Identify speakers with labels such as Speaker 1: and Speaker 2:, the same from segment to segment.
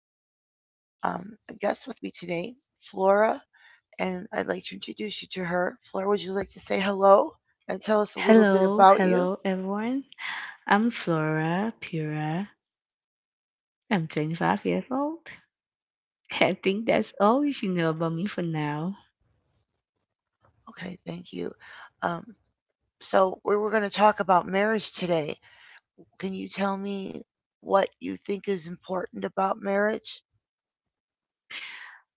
Speaker 1: I have um, a guest with me today, Flora, and I'd like to introduce you to her. Flora, would you like to say hello and tell us a little bit
Speaker 2: Hello,
Speaker 1: about you?
Speaker 2: hello everyone. I'm Flora Pura. I'm 25 years old. I think that's all you should know about me for now.
Speaker 1: Okay, thank you. Um, we're going to talk about marriage today. Can you tell me what you think is important about marriage?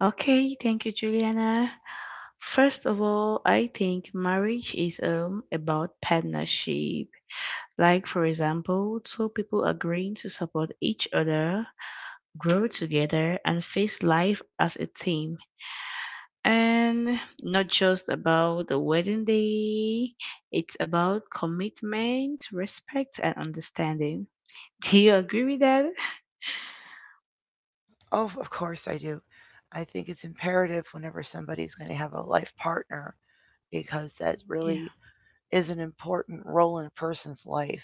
Speaker 2: Okay, thank you, Juliana. First of all, I think marriage is about partnership. Like, for example, two people agreeing to support each other, grow together, and face life as a team. And not just about the wedding day. It's about commitment, respect, and understanding. Do you agree with that?
Speaker 1: Oh, of course I do. I think it's imperative whenever somebody's going to have a life partner because that
Speaker 2: Yeah.
Speaker 1: really is an important role in a person's life.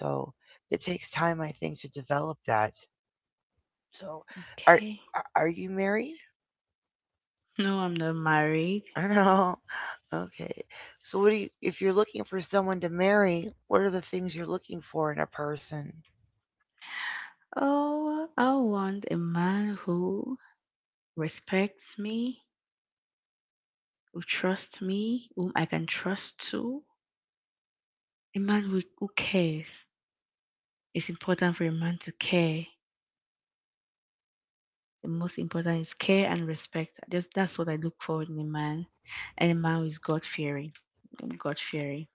Speaker 1: So it takes time, I think, to develop that. So, are
Speaker 2: Okay.
Speaker 1: are you married?
Speaker 2: No, I'm not married.
Speaker 1: I know. Okay. So, what do you? If you're looking for someone to marry, what are the things you're looking for in a person?
Speaker 2: Oh, I want a man who respects me, who trusts me, whom I can trust to. A man who cares. It's important for a man to care. The most important is care and respect. I Just that's what I look for in a man, and a man who is God fearing. God fearing.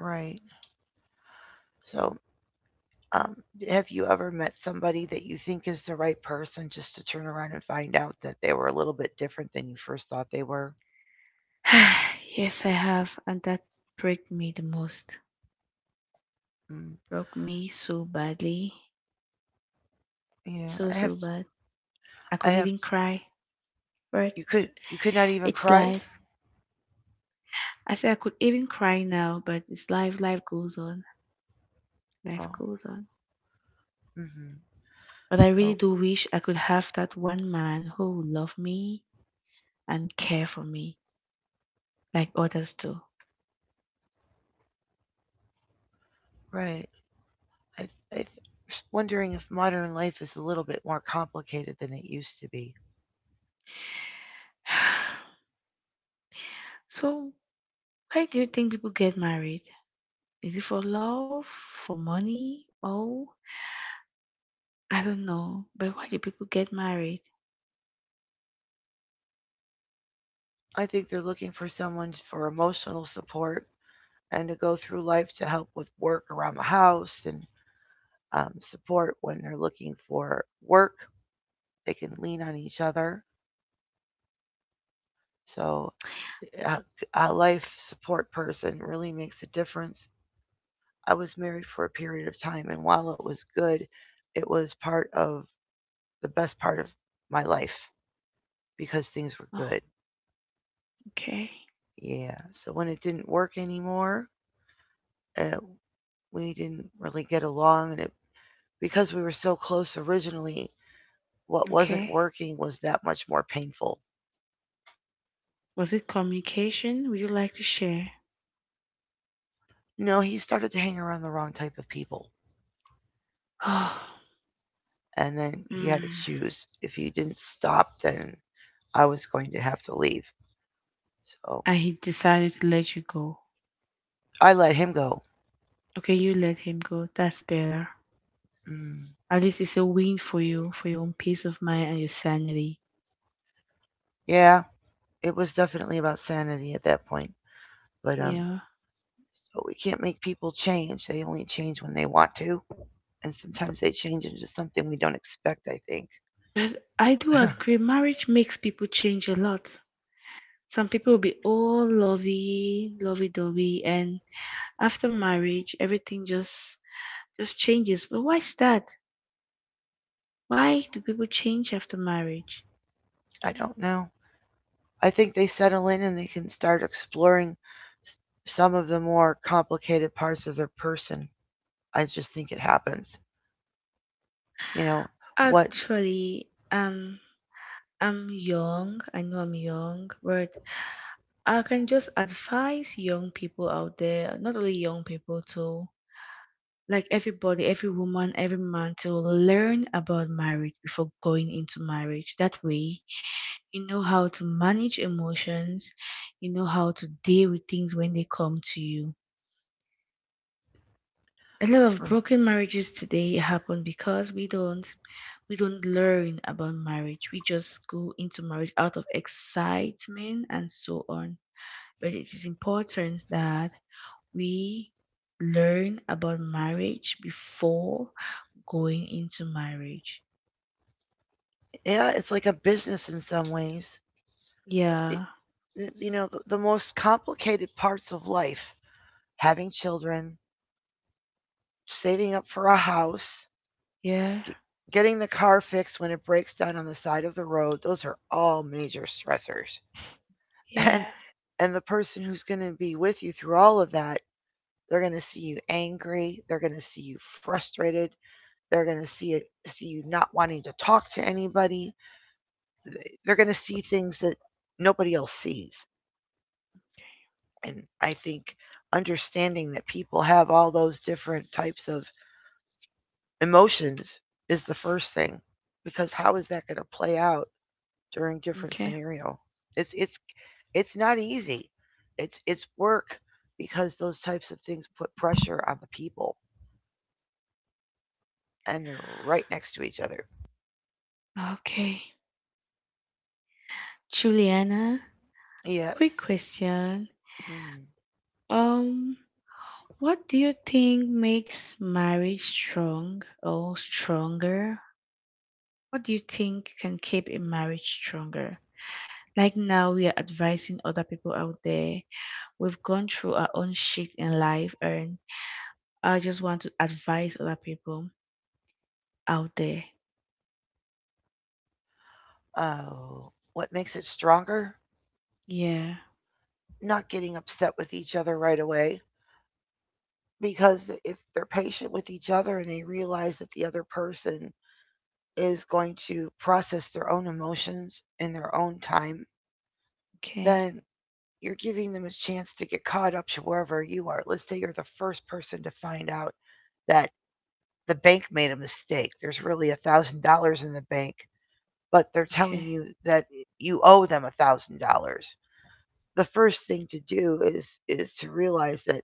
Speaker 1: Right. So, um, have you ever met somebody that you think is the right person, just to turn around and find out that they were a little bit different than you first thought they were?
Speaker 2: Yes, I have, and that broke me the most.
Speaker 1: Mm,
Speaker 2: Broke me so badly,
Speaker 1: yeah.
Speaker 2: so
Speaker 1: I have.
Speaker 2: so bad. I
Speaker 1: I
Speaker 2: could
Speaker 1: have.
Speaker 2: even cry, but
Speaker 1: You could. You could not even
Speaker 2: it's
Speaker 1: cry.
Speaker 2: life. I say I could even cry now, but it's life. Life goes on. Life
Speaker 1: Oh.
Speaker 2: goes on.
Speaker 1: Hmm.
Speaker 2: But I really
Speaker 1: So.
Speaker 2: do wish I could have that one man who would love me and care for me like others do.
Speaker 1: Right. I, I'm wondering if modern life is a little bit more complicated than it used to be.
Speaker 2: So, why do you think people get married? Is it for love, for money? Oh, I don't know. But why do people get married?
Speaker 1: I think they're looking for someone for emotional support and to go through life to help with work around the house and support when they're looking for work. They can lean on each other. So, a life support person really makes a difference. I was married for a period of time, and while it was good, it was part of the best part of my life because things
Speaker 2: Oh,
Speaker 1: were good.
Speaker 2: okay.
Speaker 1: Yeah. So when it didn't work anymore, uh, we didn't really get along, and it because we were so close originally, what wasn't
Speaker 2: Okay.
Speaker 1: working was that much more painful.
Speaker 2: Was it communication? Would you like to share?
Speaker 1: You know, he started to hang around the wrong type of people, and then
Speaker 2: Oh,
Speaker 1: he had to
Speaker 2: mm.
Speaker 1: choose. If he didn't stop, then I was going to have to leave. So
Speaker 2: And he decided to let you go.
Speaker 1: I let him go.
Speaker 2: Okay, you let him go. That's better.
Speaker 1: Mm,
Speaker 2: At least it's a win for you, for your own peace of mind and your sanity.
Speaker 1: yeah, it was definitely about sanity at that point. But
Speaker 2: Yeah.
Speaker 1: so we can't make people change. They only change when they want to. And sometimes they change into something we don't expect, I think.
Speaker 2: But I do agree, marriage makes people change a lot. Some people will be all lovey, lovey dovey, and after marriage, everything just changes. But why is that? Why do people change after marriage?
Speaker 1: I don't know. I think they settle in and they can start exploring some of the more complicated parts of their person. I just think it happens. You know, what,
Speaker 2: Actually, I'm young. I know I'm young, but I can just advise young people out there, not only young people, to like everybody, every woman, every man, to learn about marriage before going into marriage. That way, you know how to manage emotions, you know how to deal with things when they come to you. A lot of broken marriages today happen because we don't learn about marriage. We just go into marriage out of excitement and so on, but it is important that we learn about marriage before going into marriage.
Speaker 1: yeah, it's like a business in some ways.
Speaker 2: Yeah,
Speaker 1: You know, the most complicated parts of life: having children, saving up for a house,
Speaker 2: yeah,
Speaker 1: g- getting the car fixed when it breaks down on the side of the road, those are all major stressors.
Speaker 2: yeah.
Speaker 1: and and the person who's going to be with you through all of that, they're going to see you angry, they're going to see you frustrated, they're going to see it, see you not wanting to talk to anybody, they're going to see things that nobody else sees. And I think understanding that people have all those different types of emotions is the first thing, because how is that going to play out during different
Speaker 2: Okay.
Speaker 1: scenario. It's it's not easy. It's work because those types of things put pressure on the people, and they're right next to each other.
Speaker 2: Okay, Juliana,
Speaker 1: Yes.
Speaker 2: quick question.
Speaker 1: Mm.
Speaker 2: um What do you think makes marriage strong or stronger? What do you think can keep a marriage stronger? Like now, we are advising other people out there. We've gone through our own shit in life, and I just want to advise other people out there.
Speaker 1: Oh, what makes it stronger?
Speaker 2: Yeah.
Speaker 1: Not getting upset with each other right away because if they're patient with each other and they realize that the other person is going to process their own emotions in their own time,
Speaker 2: Okay.
Speaker 1: then you're giving them a chance to get caught up to wherever you are. Let's say you're the first person to find out that the bank made a mistake. There's really $1,000 in the bank, but they're telling
Speaker 2: Okay.
Speaker 1: you that you owe them $1,000. The first thing to do is to realize that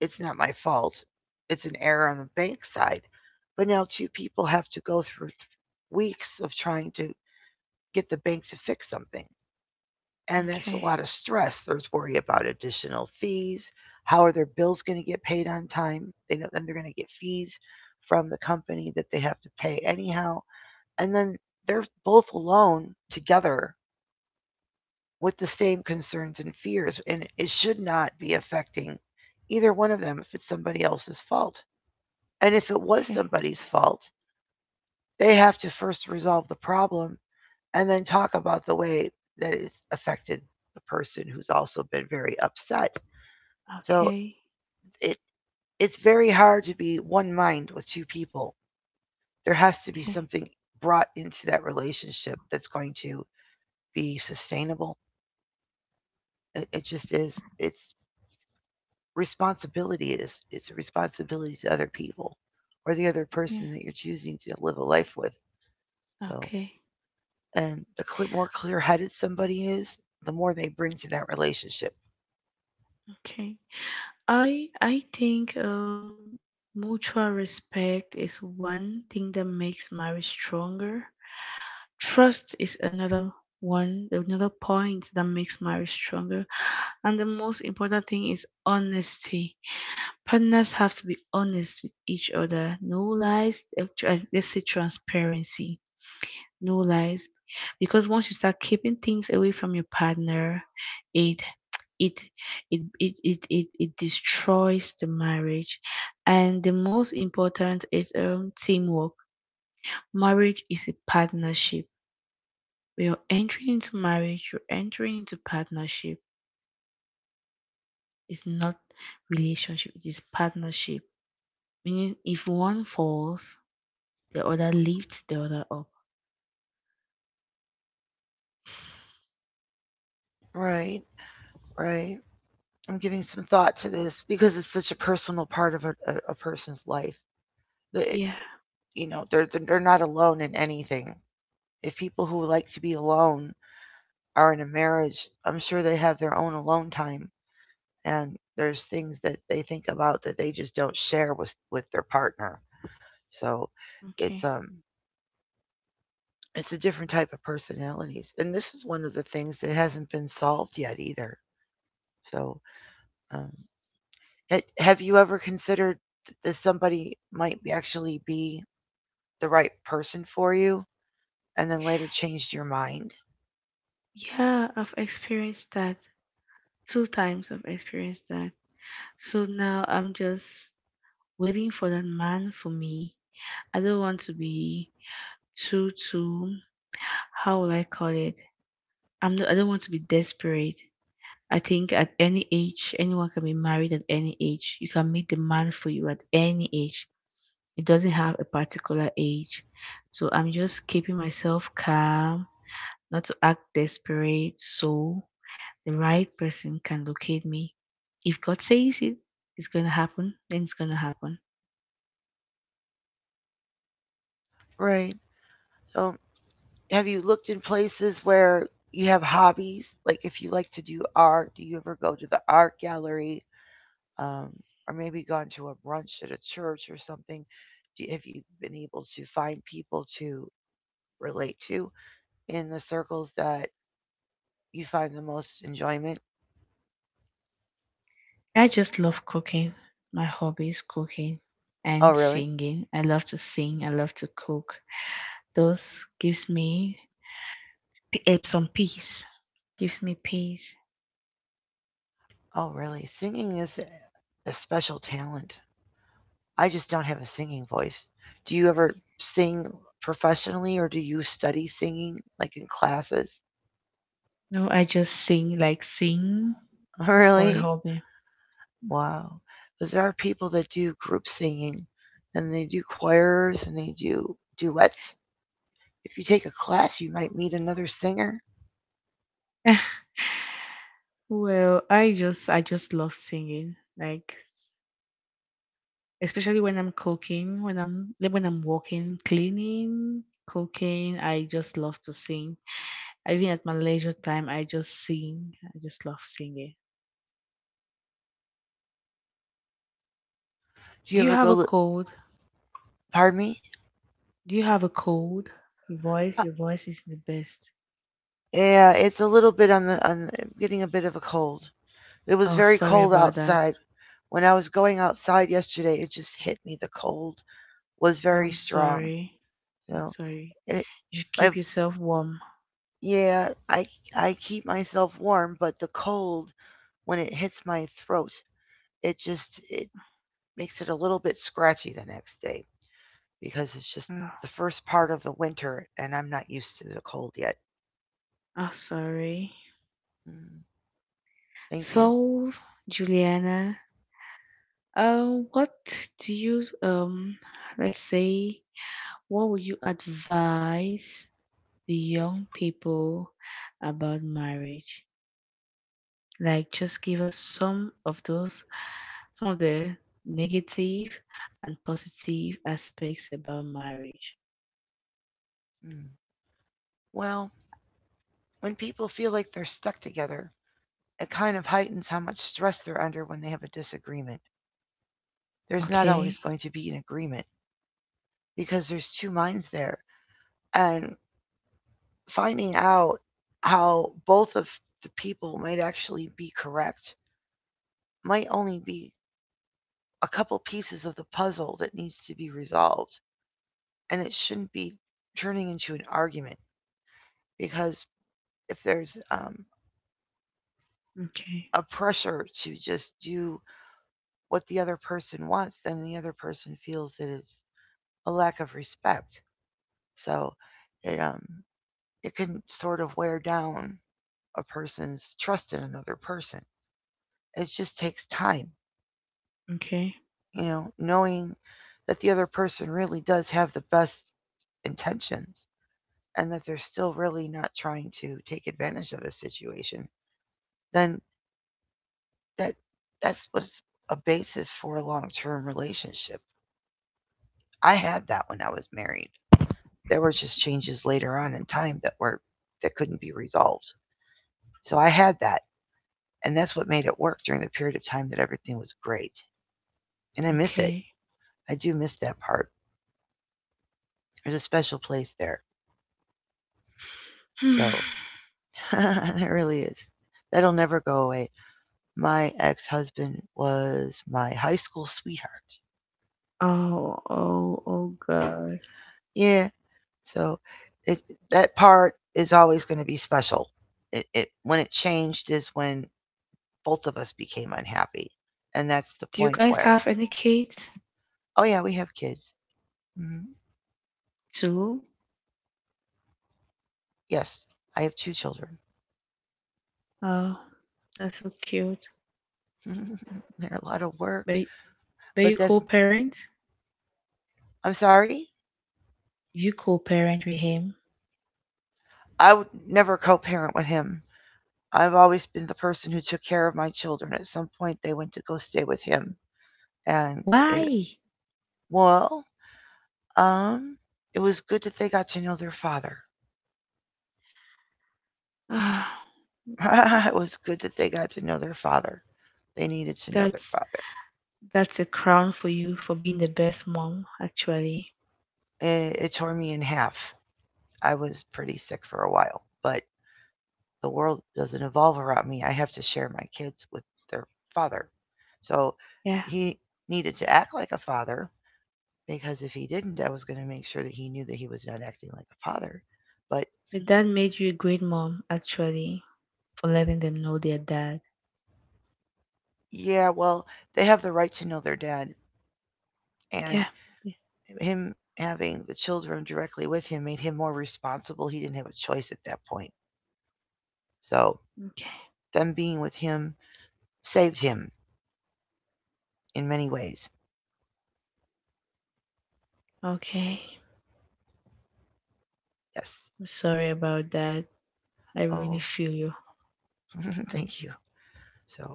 Speaker 1: it's not my fault. It's an error on the bank side. But now two people have to go through weeks of trying to get the bank to fix something. And that's a
Speaker 2: Okay.
Speaker 1: lot of stress. There's worry about additional fees. How are their bills going to get paid on time? They know then they're going to get fees from the company that they have to pay anyhow. And then they're both alone together with the same concerns and fears, and it should not be affecting either one of them if it's somebody else's fault. And if it was
Speaker 2: Okay.
Speaker 1: somebody's fault, they have to first resolve the problem and then talk about the way that it's affected the person who's also been very upset. So
Speaker 2: Okay.
Speaker 1: it it's very hard to be one mind with two people. There has to be
Speaker 2: Okay.
Speaker 1: something brought into that relationship that's going to be sustainable. It just is. It's responsibility. It is. It's a responsibility to other people, or the other person
Speaker 2: Yeah.
Speaker 1: that you're choosing to live a life with. So,
Speaker 2: Okay.
Speaker 1: and the cle more clear-headed somebody is, the more they bring to that relationship.
Speaker 2: Okay. I think mutual respect is one thing that makes marriage stronger. Trust is another one, another point that makes marriage stronger. And the most important thing is honesty. Partners have to be honest with each other. No lies, let's say transparency. No lies. Because once you start keeping things away from your partner, it it it destroys the marriage. And the most important is teamwork. Marriage is a partnership. When you're entering into marriage, you're entering into partnership. It's not relationship, it is partnership. Meaning if one falls, the other lifts the other up.
Speaker 1: Right. Right. I'm giving some thought to this because it's such a personal part of a person's life. That it,
Speaker 2: Yeah,
Speaker 1: you know, they're not alone in anything. If people who like to be alone are in a marriage, I'm sure they have their own alone time, and there's things that they think about that they just don't share with their partner. So it's
Speaker 2: okay.
Speaker 1: um it's a different type of personalities, and this is one of the things that hasn't been solved yet either. So um, have you ever considered that somebody might be actually be the right person for you, and then later changed your mind?
Speaker 2: Yeah, I've experienced that. Two times I've experienced that. So now I'm just waiting for that man for me. I don't want to be too, too, how will I call it? I don't want to be desperate. I think at any age, anyone can be married at any age. You can meet the man for you at any age. It doesn't have a particular age. So I'm just keeping myself calm, not to act desperate, so the right person can locate me. If God says it, it's going to happen, then it's going to happen.
Speaker 1: Right. So have you looked in places where you have hobbies? Like if you like to do art, do you ever go to the art gallery, um, or maybe gone to a brunch at a church or something? Have you been able to find people to relate to in the circles that you find the most enjoyment?
Speaker 2: I just love cooking. My hobby is cooking
Speaker 1: Oh,
Speaker 2: and
Speaker 1: really?
Speaker 2: singing. I love to sing. I love to cook. Those gives me some peace. Gives me peace.
Speaker 1: Oh, really? Singing is a special talent. I just don't have a singing voice. Do you ever sing professionally or do you study singing like in classes?
Speaker 2: No, I just sing, like sing for a
Speaker 1: Really?
Speaker 2: hobby.
Speaker 1: Wow. Because there are people that do group singing, and they do choirs, and they do duets. If you take a class, you might meet another singer.
Speaker 2: Well, I just love singing. Like, especially when I'm cooking, when I'm walking, cleaning, cooking, I just love to sing. Even at my leisure time, I just sing. I just love singing.
Speaker 1: Do you
Speaker 2: Do you
Speaker 1: ever
Speaker 2: have
Speaker 1: go?
Speaker 2: a
Speaker 1: Li-
Speaker 2: cold?
Speaker 1: Pardon me.
Speaker 2: Do you have a cold?
Speaker 1: Uh,
Speaker 2: Your voice is the best.
Speaker 1: yeah, it's a little bit on the getting a bit of a cold. It was
Speaker 2: Oh,
Speaker 1: very
Speaker 2: sorry
Speaker 1: cold
Speaker 2: about that.
Speaker 1: outside. When I was going outside yesterday, it just hit me. The cold was very
Speaker 2: I'm
Speaker 1: strong.
Speaker 2: sorry.
Speaker 1: You
Speaker 2: I'm
Speaker 1: know,
Speaker 2: sorry.
Speaker 1: and it,
Speaker 2: You should
Speaker 1: I've,
Speaker 2: keep yourself warm.
Speaker 1: yeah, I keep myself warm, but the cold when it hits my throat, it just it makes it a little bit scratchy the next day. Because it's just
Speaker 2: Oh,
Speaker 1: the first part of the winter and I'm not used to the cold yet.
Speaker 2: I'm sorry.
Speaker 1: Mm, thank you.
Speaker 2: So, Juliana, uh, what do you let's say, what would you advise the young people about marriage? Like, just give us some of those, some of the negative and positive aspects about marriage.
Speaker 1: Mm. Well, when people feel like they're stuck together, it kind of heightens how much stress they're under when they have a disagreement. There's not always
Speaker 2: Okay,
Speaker 1: going to be an agreement because there's two minds there. And finding out how both of the people might actually be correct might only be a couple pieces of the puzzle that needs to be resolved. And it shouldn't be turning into an argument. Because if there's
Speaker 2: okay,
Speaker 1: a pressure to just do what the other person wants, then the other person feels that it's a lack of respect. So it it can sort of wear down a person's trust in another person. It just takes time,
Speaker 2: okay,
Speaker 1: you know, knowing that the other person really does have the best intentions and that they're still really not trying to take advantage of the situation. Then that that's what's a basis for a long-term relationship. I had that when I was married. There were just changes later on in time that were that couldn't be resolved. So I had that, and that's what made it work during the period of time that everything was great. And I miss it.
Speaker 2: okay.
Speaker 1: I do miss that part. There's a special place there. So it really is. That'll never go away. My ex-husband was my high school sweetheart.
Speaker 2: Oh, oh, oh, God.
Speaker 1: Yeah, so it, that part is always going to be special. It when it changed is when both of us became unhappy, and that's the
Speaker 2: Do you
Speaker 1: point
Speaker 2: guys
Speaker 1: where
Speaker 2: have any kids?
Speaker 1: oh yeah we have kids. Hmm.
Speaker 2: Two?
Speaker 1: Yes, I have two children.
Speaker 2: Oh, that's so cute.
Speaker 1: They're a lot of work,
Speaker 2: But, but,
Speaker 1: but
Speaker 2: you
Speaker 1: that's
Speaker 2: co-parent?
Speaker 1: I'm sorry.
Speaker 2: You co-parent with him?
Speaker 1: I would never co-parent with him. I've always been the person who took care of my children. At some point, they went to go stay with him, and it
Speaker 2: Why?
Speaker 1: well, um, it was good that they got to know their father.
Speaker 2: Ah,
Speaker 1: It was good that they got to know their father. They needed to know their
Speaker 2: that's
Speaker 1: father.
Speaker 2: that's a crown for you for being the best mom, actually.
Speaker 1: It tore me in half. I was pretty sick for a while, but the world doesn't evolve around me. I have to share my kids with their father. So
Speaker 2: Yeah.
Speaker 1: he needed to act like a father because if he didn't, I was going to make sure that he knew that he was not acting like a father. But
Speaker 2: Your dad made you a great mom, actually, for letting them know their dad.
Speaker 1: yeah, well, they have the right to know their dad, and
Speaker 2: Yeah. Yeah.
Speaker 1: him having the children directly with him made him more responsible. He didn't have a choice at that point. So
Speaker 2: Okay.
Speaker 1: them being with him saved him in many ways.
Speaker 2: Okay.
Speaker 1: Yes.
Speaker 2: I'm sorry about that. I really
Speaker 1: Oh,
Speaker 2: feel you.
Speaker 1: thank you. So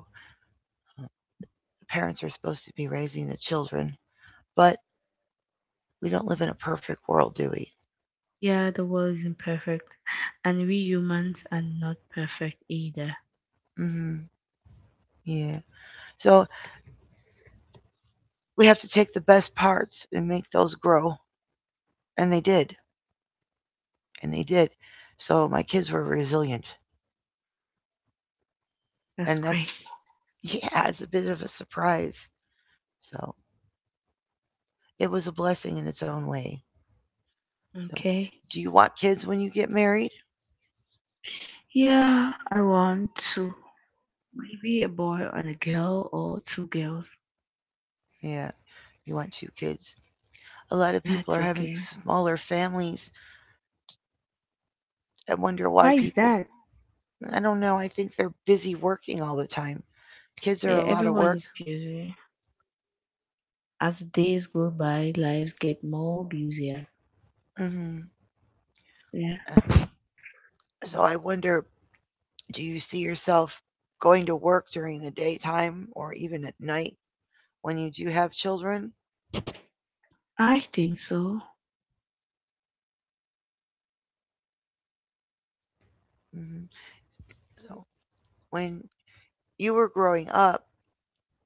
Speaker 1: parents are supposed to be raising the children, but we don't live in a perfect world, do we?
Speaker 2: Yeah, the world isn't perfect. And we humans are not perfect either.
Speaker 1: Mm hmm. Yeah. So we have to take the best parts and make those grow, and they did, and they did. So my kids were resilient,
Speaker 2: That's
Speaker 1: and
Speaker 2: great.
Speaker 1: that's yeah, it's a bit of a surprise. So it was a blessing in its own way. So,
Speaker 2: Okay.
Speaker 1: do you want kids when you get married?
Speaker 2: Yeah, I want to. Maybe a boy and a girl, or two girls.
Speaker 1: Yeah. You want two kids. A lot of people
Speaker 2: That's
Speaker 1: are having
Speaker 2: okay.
Speaker 1: smaller families. I wonder why
Speaker 2: Why is
Speaker 1: people.
Speaker 2: that?
Speaker 1: I don't know. I think they're busy working all the time. Kids are
Speaker 2: Yeah,
Speaker 1: a lot of
Speaker 2: everyone
Speaker 1: work.
Speaker 2: is busy. As days go by, lives get more busier.
Speaker 1: Hmm.
Speaker 2: Yeah,
Speaker 1: So I wonder, do you see yourself going to work during the daytime or even at night when you do have children?
Speaker 2: I think so.
Speaker 1: Hmm. So when you were growing up,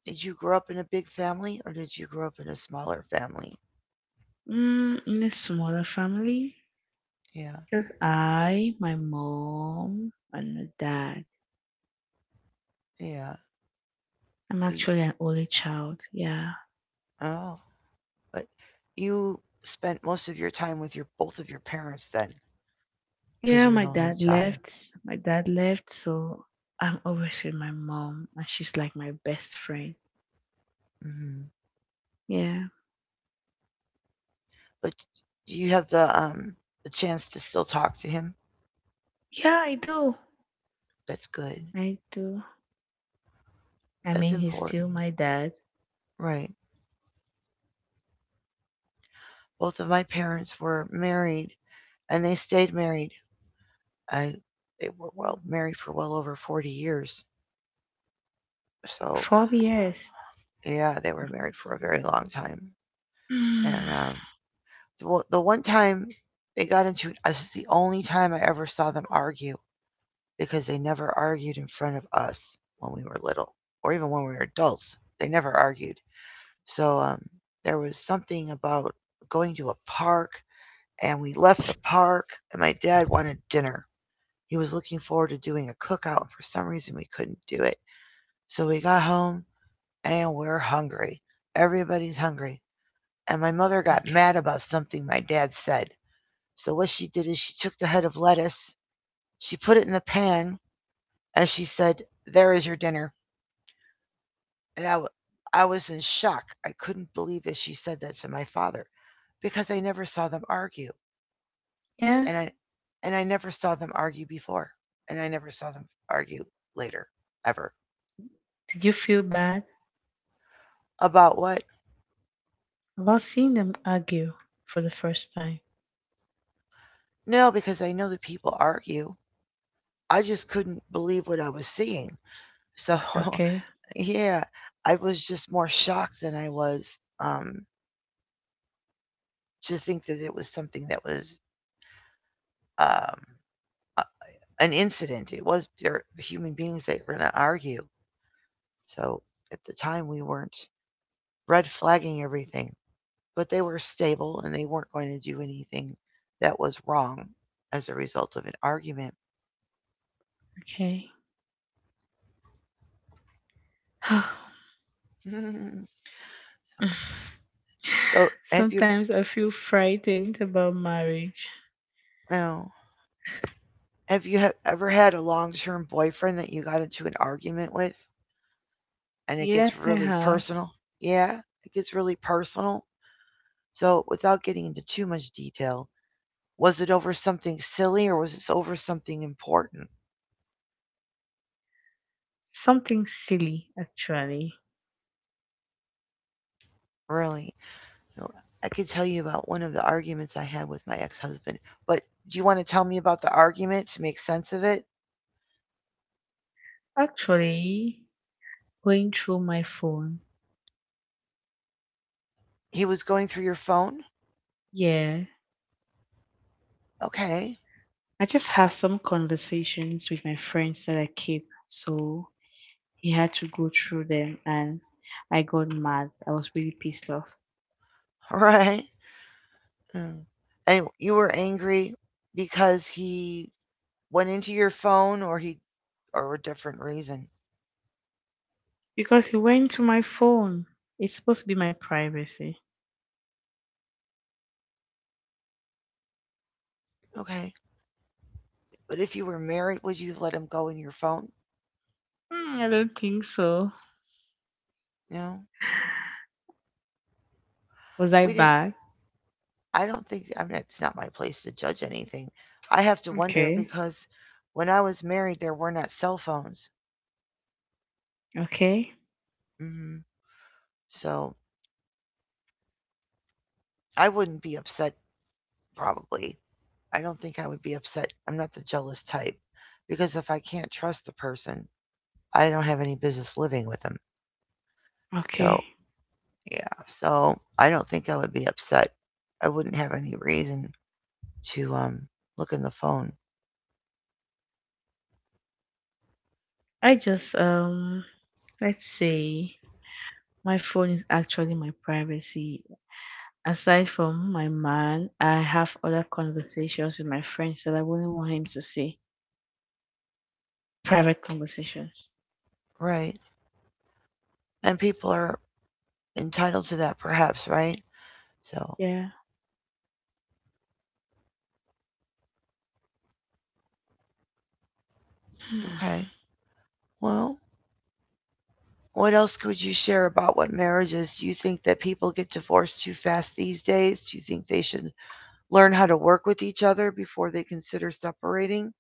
Speaker 1: did you grow up in a big family or did you grow up in a smaller family?
Speaker 2: Mm, in a smaller family,
Speaker 1: Yeah,
Speaker 2: just I, my mom, and my dad.
Speaker 1: yeah.
Speaker 2: I'm
Speaker 1: So you,
Speaker 2: actually an only child. Yeah.
Speaker 1: oh, but you spent most of your time with your both of your parents then, because
Speaker 2: Yeah,
Speaker 1: you were an
Speaker 2: my
Speaker 1: only
Speaker 2: dad
Speaker 1: child.
Speaker 2: left. My dad left, so I'm always with my mom, and she's like my best friend.
Speaker 1: hmm
Speaker 2: Yeah.
Speaker 1: But you have the chance to still talk to him.
Speaker 2: Yeah, I do.
Speaker 1: That's good.
Speaker 2: I do. I
Speaker 1: That's
Speaker 2: mean, he's
Speaker 1: important.
Speaker 2: still my dad.
Speaker 1: Right. Both of my parents were married, and they stayed married. I they were well married for well over 40 years. So
Speaker 2: 4 years.
Speaker 1: yeah, they were married for a very long time. And the one time they got into it, this is the only time I ever saw them argue, because they never argued in front of us when we were little or even when we were adults. They never argued. So there was something about going to a park, and we left the park, and my dad wanted dinner. He was looking forward to doing a cookout, and for some reason we couldn't do it. So we got home, and we're hungry. Everybody's hungry. And my mother got
Speaker 2: Okay.
Speaker 1: mad about something my dad said. So what she did is she took the head of lettuce, she put it in the pan, and she said, "There is your dinner." And I was in shock. I couldn't believe that she said that to my father, because I never saw them argue.
Speaker 2: Yeah.
Speaker 1: And I, and I never saw them argue before. And I never saw them argue later, ever.
Speaker 2: Did you feel bad
Speaker 1: About what?
Speaker 2: about seeing them argue for the first time?
Speaker 1: No, because I know that people argue. I just couldn't believe what I was seeing. So,
Speaker 2: Okay.
Speaker 1: yeah, I was just more shocked than I was, um, to think that it was something that was, um, an incident. It was they're human beings that were going to argue. So at the time, we weren't red flagging everything, but they were stable and they weren't going to do anything that was wrong as a result of an argument.
Speaker 2: Okay.
Speaker 1: so, so,
Speaker 2: Sometimes I feel frightened about marriage.
Speaker 1: no, have you ever had a long term boyfriend that you got into an argument with and it gets
Speaker 2: Yes, I
Speaker 1: really
Speaker 2: have.
Speaker 1: personal? Yeah, it gets really personal. So, without getting into too much detail, was it over something silly or was it over something important?
Speaker 2: Something silly, actually.
Speaker 1: Really? So I could tell you about one of the arguments I had with my ex-husband. But do you want to tell me about the argument to make sense of it?
Speaker 2: Actually, going through my phone.
Speaker 1: He was going through your phone?
Speaker 2: Yeah.
Speaker 1: Okay.
Speaker 2: I just have some conversations with my friends that I keep. So he had to go through them, and I got mad. I was really pissed off.
Speaker 1: All right. Mm. And you were angry because he went into your phone, or a different reason.
Speaker 2: Because he went to my phone. It's supposed to be my privacy.
Speaker 1: Okay. But if you were married, would you have let him go in your phone?
Speaker 2: Mm, I don't think so.
Speaker 1: No.
Speaker 2: Was I
Speaker 1: We didn't
Speaker 2: bad?
Speaker 1: I don't think, I mean, it's not my place to judge anything. I have to wonder
Speaker 2: Okay.
Speaker 1: because when I was married there were not cell phones.
Speaker 2: Okay.
Speaker 1: Mhm. So I wouldn't be upset, probably. I don't think I would be upset. I'm not the jealous type. Because if I can't trust the person, I don't have any business living with them.
Speaker 2: Okay.
Speaker 1: So, yeah. So I don't think I would be upset. I wouldn't have any reason to look in the phone.
Speaker 2: I just let's say, my phone is actually my privacy. Aside from my man, I have other conversations with my friends that I wouldn't want him to see. Private conversations.
Speaker 1: Right. And people are entitled to that, perhaps, right? So,
Speaker 2: Yeah.
Speaker 1: okay. Well, what else could you share about what marriages? Do you think that people get divorced too fast these days? Do you think they should learn how to work with each other before they consider separating?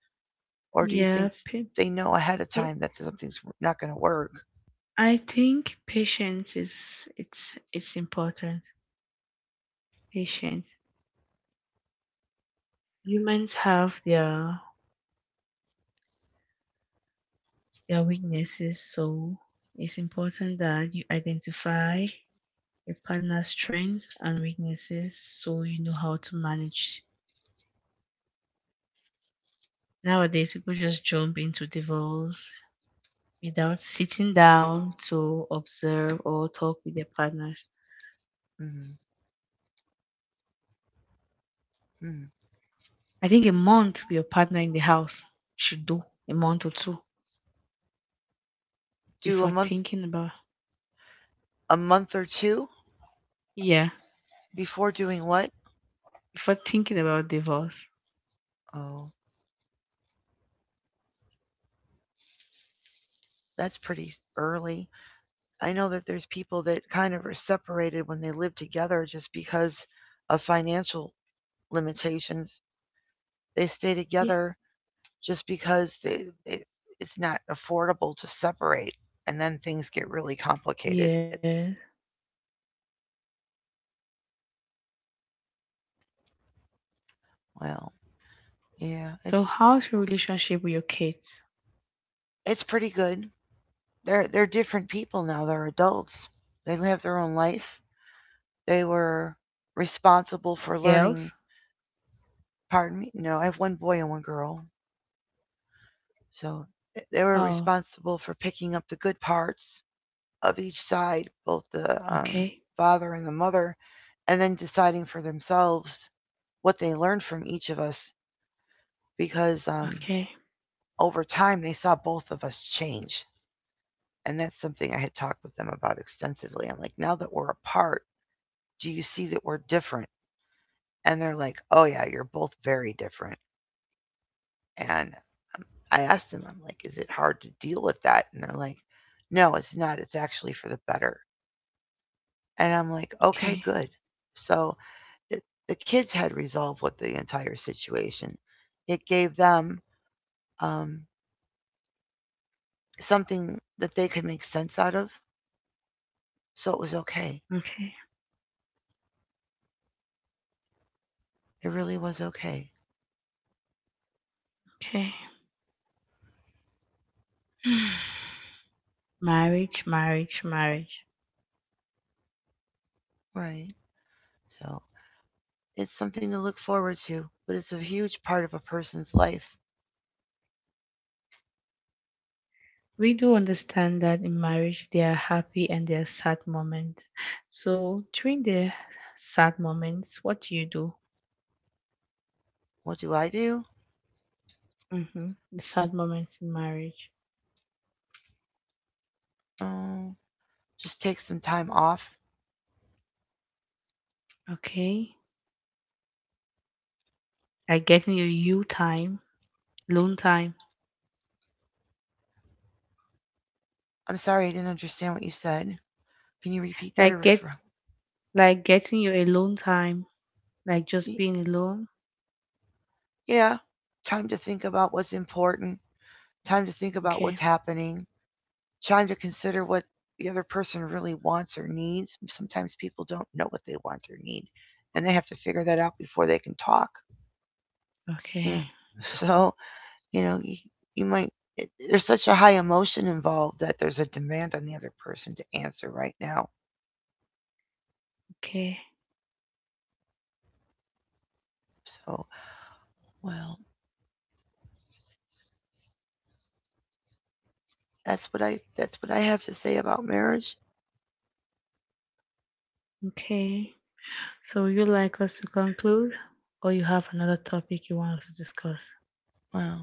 Speaker 1: Or do you
Speaker 2: Yeah,
Speaker 1: think they know ahead of
Speaker 2: yeah.
Speaker 1: time that something's not going to work?
Speaker 2: I think patience is it's important. Patience, humans have their weaknesses, so it's important that you identify your partner's strengths and weaknesses so you know how to manage. Nowadays people just jump into divorce without sitting down to observe or talk with their partners.
Speaker 1: Mm-hmm. Mm-hmm.
Speaker 2: I think a month with your partner in the house should do, a month or two
Speaker 1: Do
Speaker 2: before thinking about,
Speaker 1: a month or two
Speaker 2: yeah,
Speaker 1: before doing what?
Speaker 2: before thinking about divorce.
Speaker 1: Oh, that's pretty early. I know that there's people that kind of are separated when they live together just because of financial limitations. They stay
Speaker 2: Yeah.
Speaker 1: together just because it, it's not affordable to separate, and then things get really complicated.
Speaker 2: Yeah.
Speaker 1: Well, yeah, it,
Speaker 2: So how's your relationship with your kids?
Speaker 1: it's pretty good. They're different people now. They're adults. They live their own life. They were responsible for
Speaker 2: Girls.
Speaker 1: learning. Pardon me. No, I have one boy and one girl. So they were
Speaker 2: Oh,
Speaker 1: responsible for picking up the good parts of each side, both the
Speaker 2: okay,
Speaker 1: father and the mother, and then deciding for themselves what they learned from each of us. Because
Speaker 2: okay,
Speaker 1: over time, they saw both of us change, and that's something I had talked with them about extensively. I'm like, now that we're apart, do you see that we're different? And they're like, oh yeah, you're both very different. And I asked them, I'm like, is it hard to deal with that? And they're like, no, it's not. It's actually for the better. And I'm like, okay,
Speaker 2: okay,
Speaker 1: good. So it, the kids had resolved with the entire situation. It gave them um, something that they could make sense out of. So it was okay.
Speaker 2: okay,
Speaker 1: It really was okay.
Speaker 2: okay. Marriage, marriage, marriage.
Speaker 1: Right. So it's something to look forward to, but it's a huge part of a person's life.
Speaker 2: We do understand that in marriage there are happy and there are sad moments. So during the sad moments, what do you do?
Speaker 1: What do I do?
Speaker 2: Mm-hmm. The sad moments in marriage.
Speaker 1: Oh, just take some time off.
Speaker 2: Okay, like getting your you time, alone time.
Speaker 1: I'm sorry I didn't understand what you said. Can you repeat that or
Speaker 2: Like get
Speaker 1: refer?
Speaker 2: like getting your alone time, like just being alone.
Speaker 1: Yeah. Time to think about what's important, time to think about what's
Speaker 2: Okay,
Speaker 1: happening, time to consider what the other person really wants or needs. Sometimes people don't know what they want or need, and they have to figure that out before they can talk. Yeah.
Speaker 2: okay,
Speaker 1: So You know, you, you might, there's such a high emotion involved that there's a demand on the other person to answer right now.
Speaker 2: okay,
Speaker 1: So, well, that's what I have to say about marriage.
Speaker 2: okay. So, would you like us to conclude, or you have another topic you want us to discuss?
Speaker 1: Well,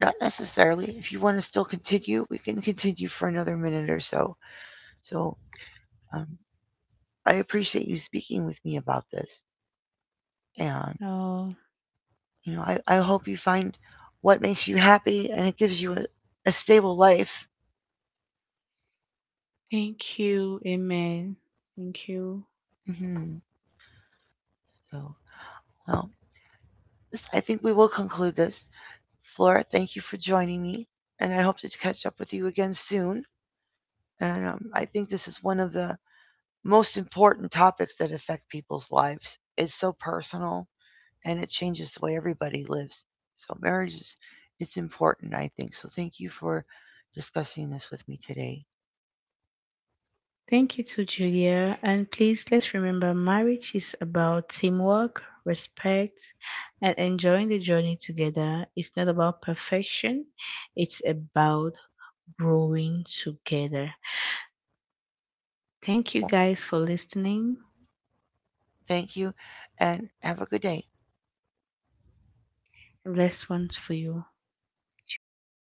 Speaker 1: not necessarily. If you want to still continue, we can continue for another minute or so. So, um, I appreciate you speaking with me about this. And,
Speaker 2: Oh,
Speaker 1: you know, I, I hope you find what makes you happy, and it gives you a stable life.
Speaker 2: thank you. Amen. Thank you.
Speaker 1: hmm So, well, I think we will conclude this. Flora, thank you for joining me, and I hope to catch up with you again soon. And I think this is one of the most important topics that affect people's lives. It's so personal, and it changes the way everybody lives. So marriage is it's important, I think. So thank you for discussing this with me today.
Speaker 2: Thank you to Julia. And please, let's remember, marriage is about teamwork, respect, and enjoying the journey together. It's not about perfection, it's about growing together. Thank you
Speaker 1: Well,
Speaker 2: guys for listening.
Speaker 1: thank you, and have a good day.
Speaker 2: Blessed ones for you, Juliana.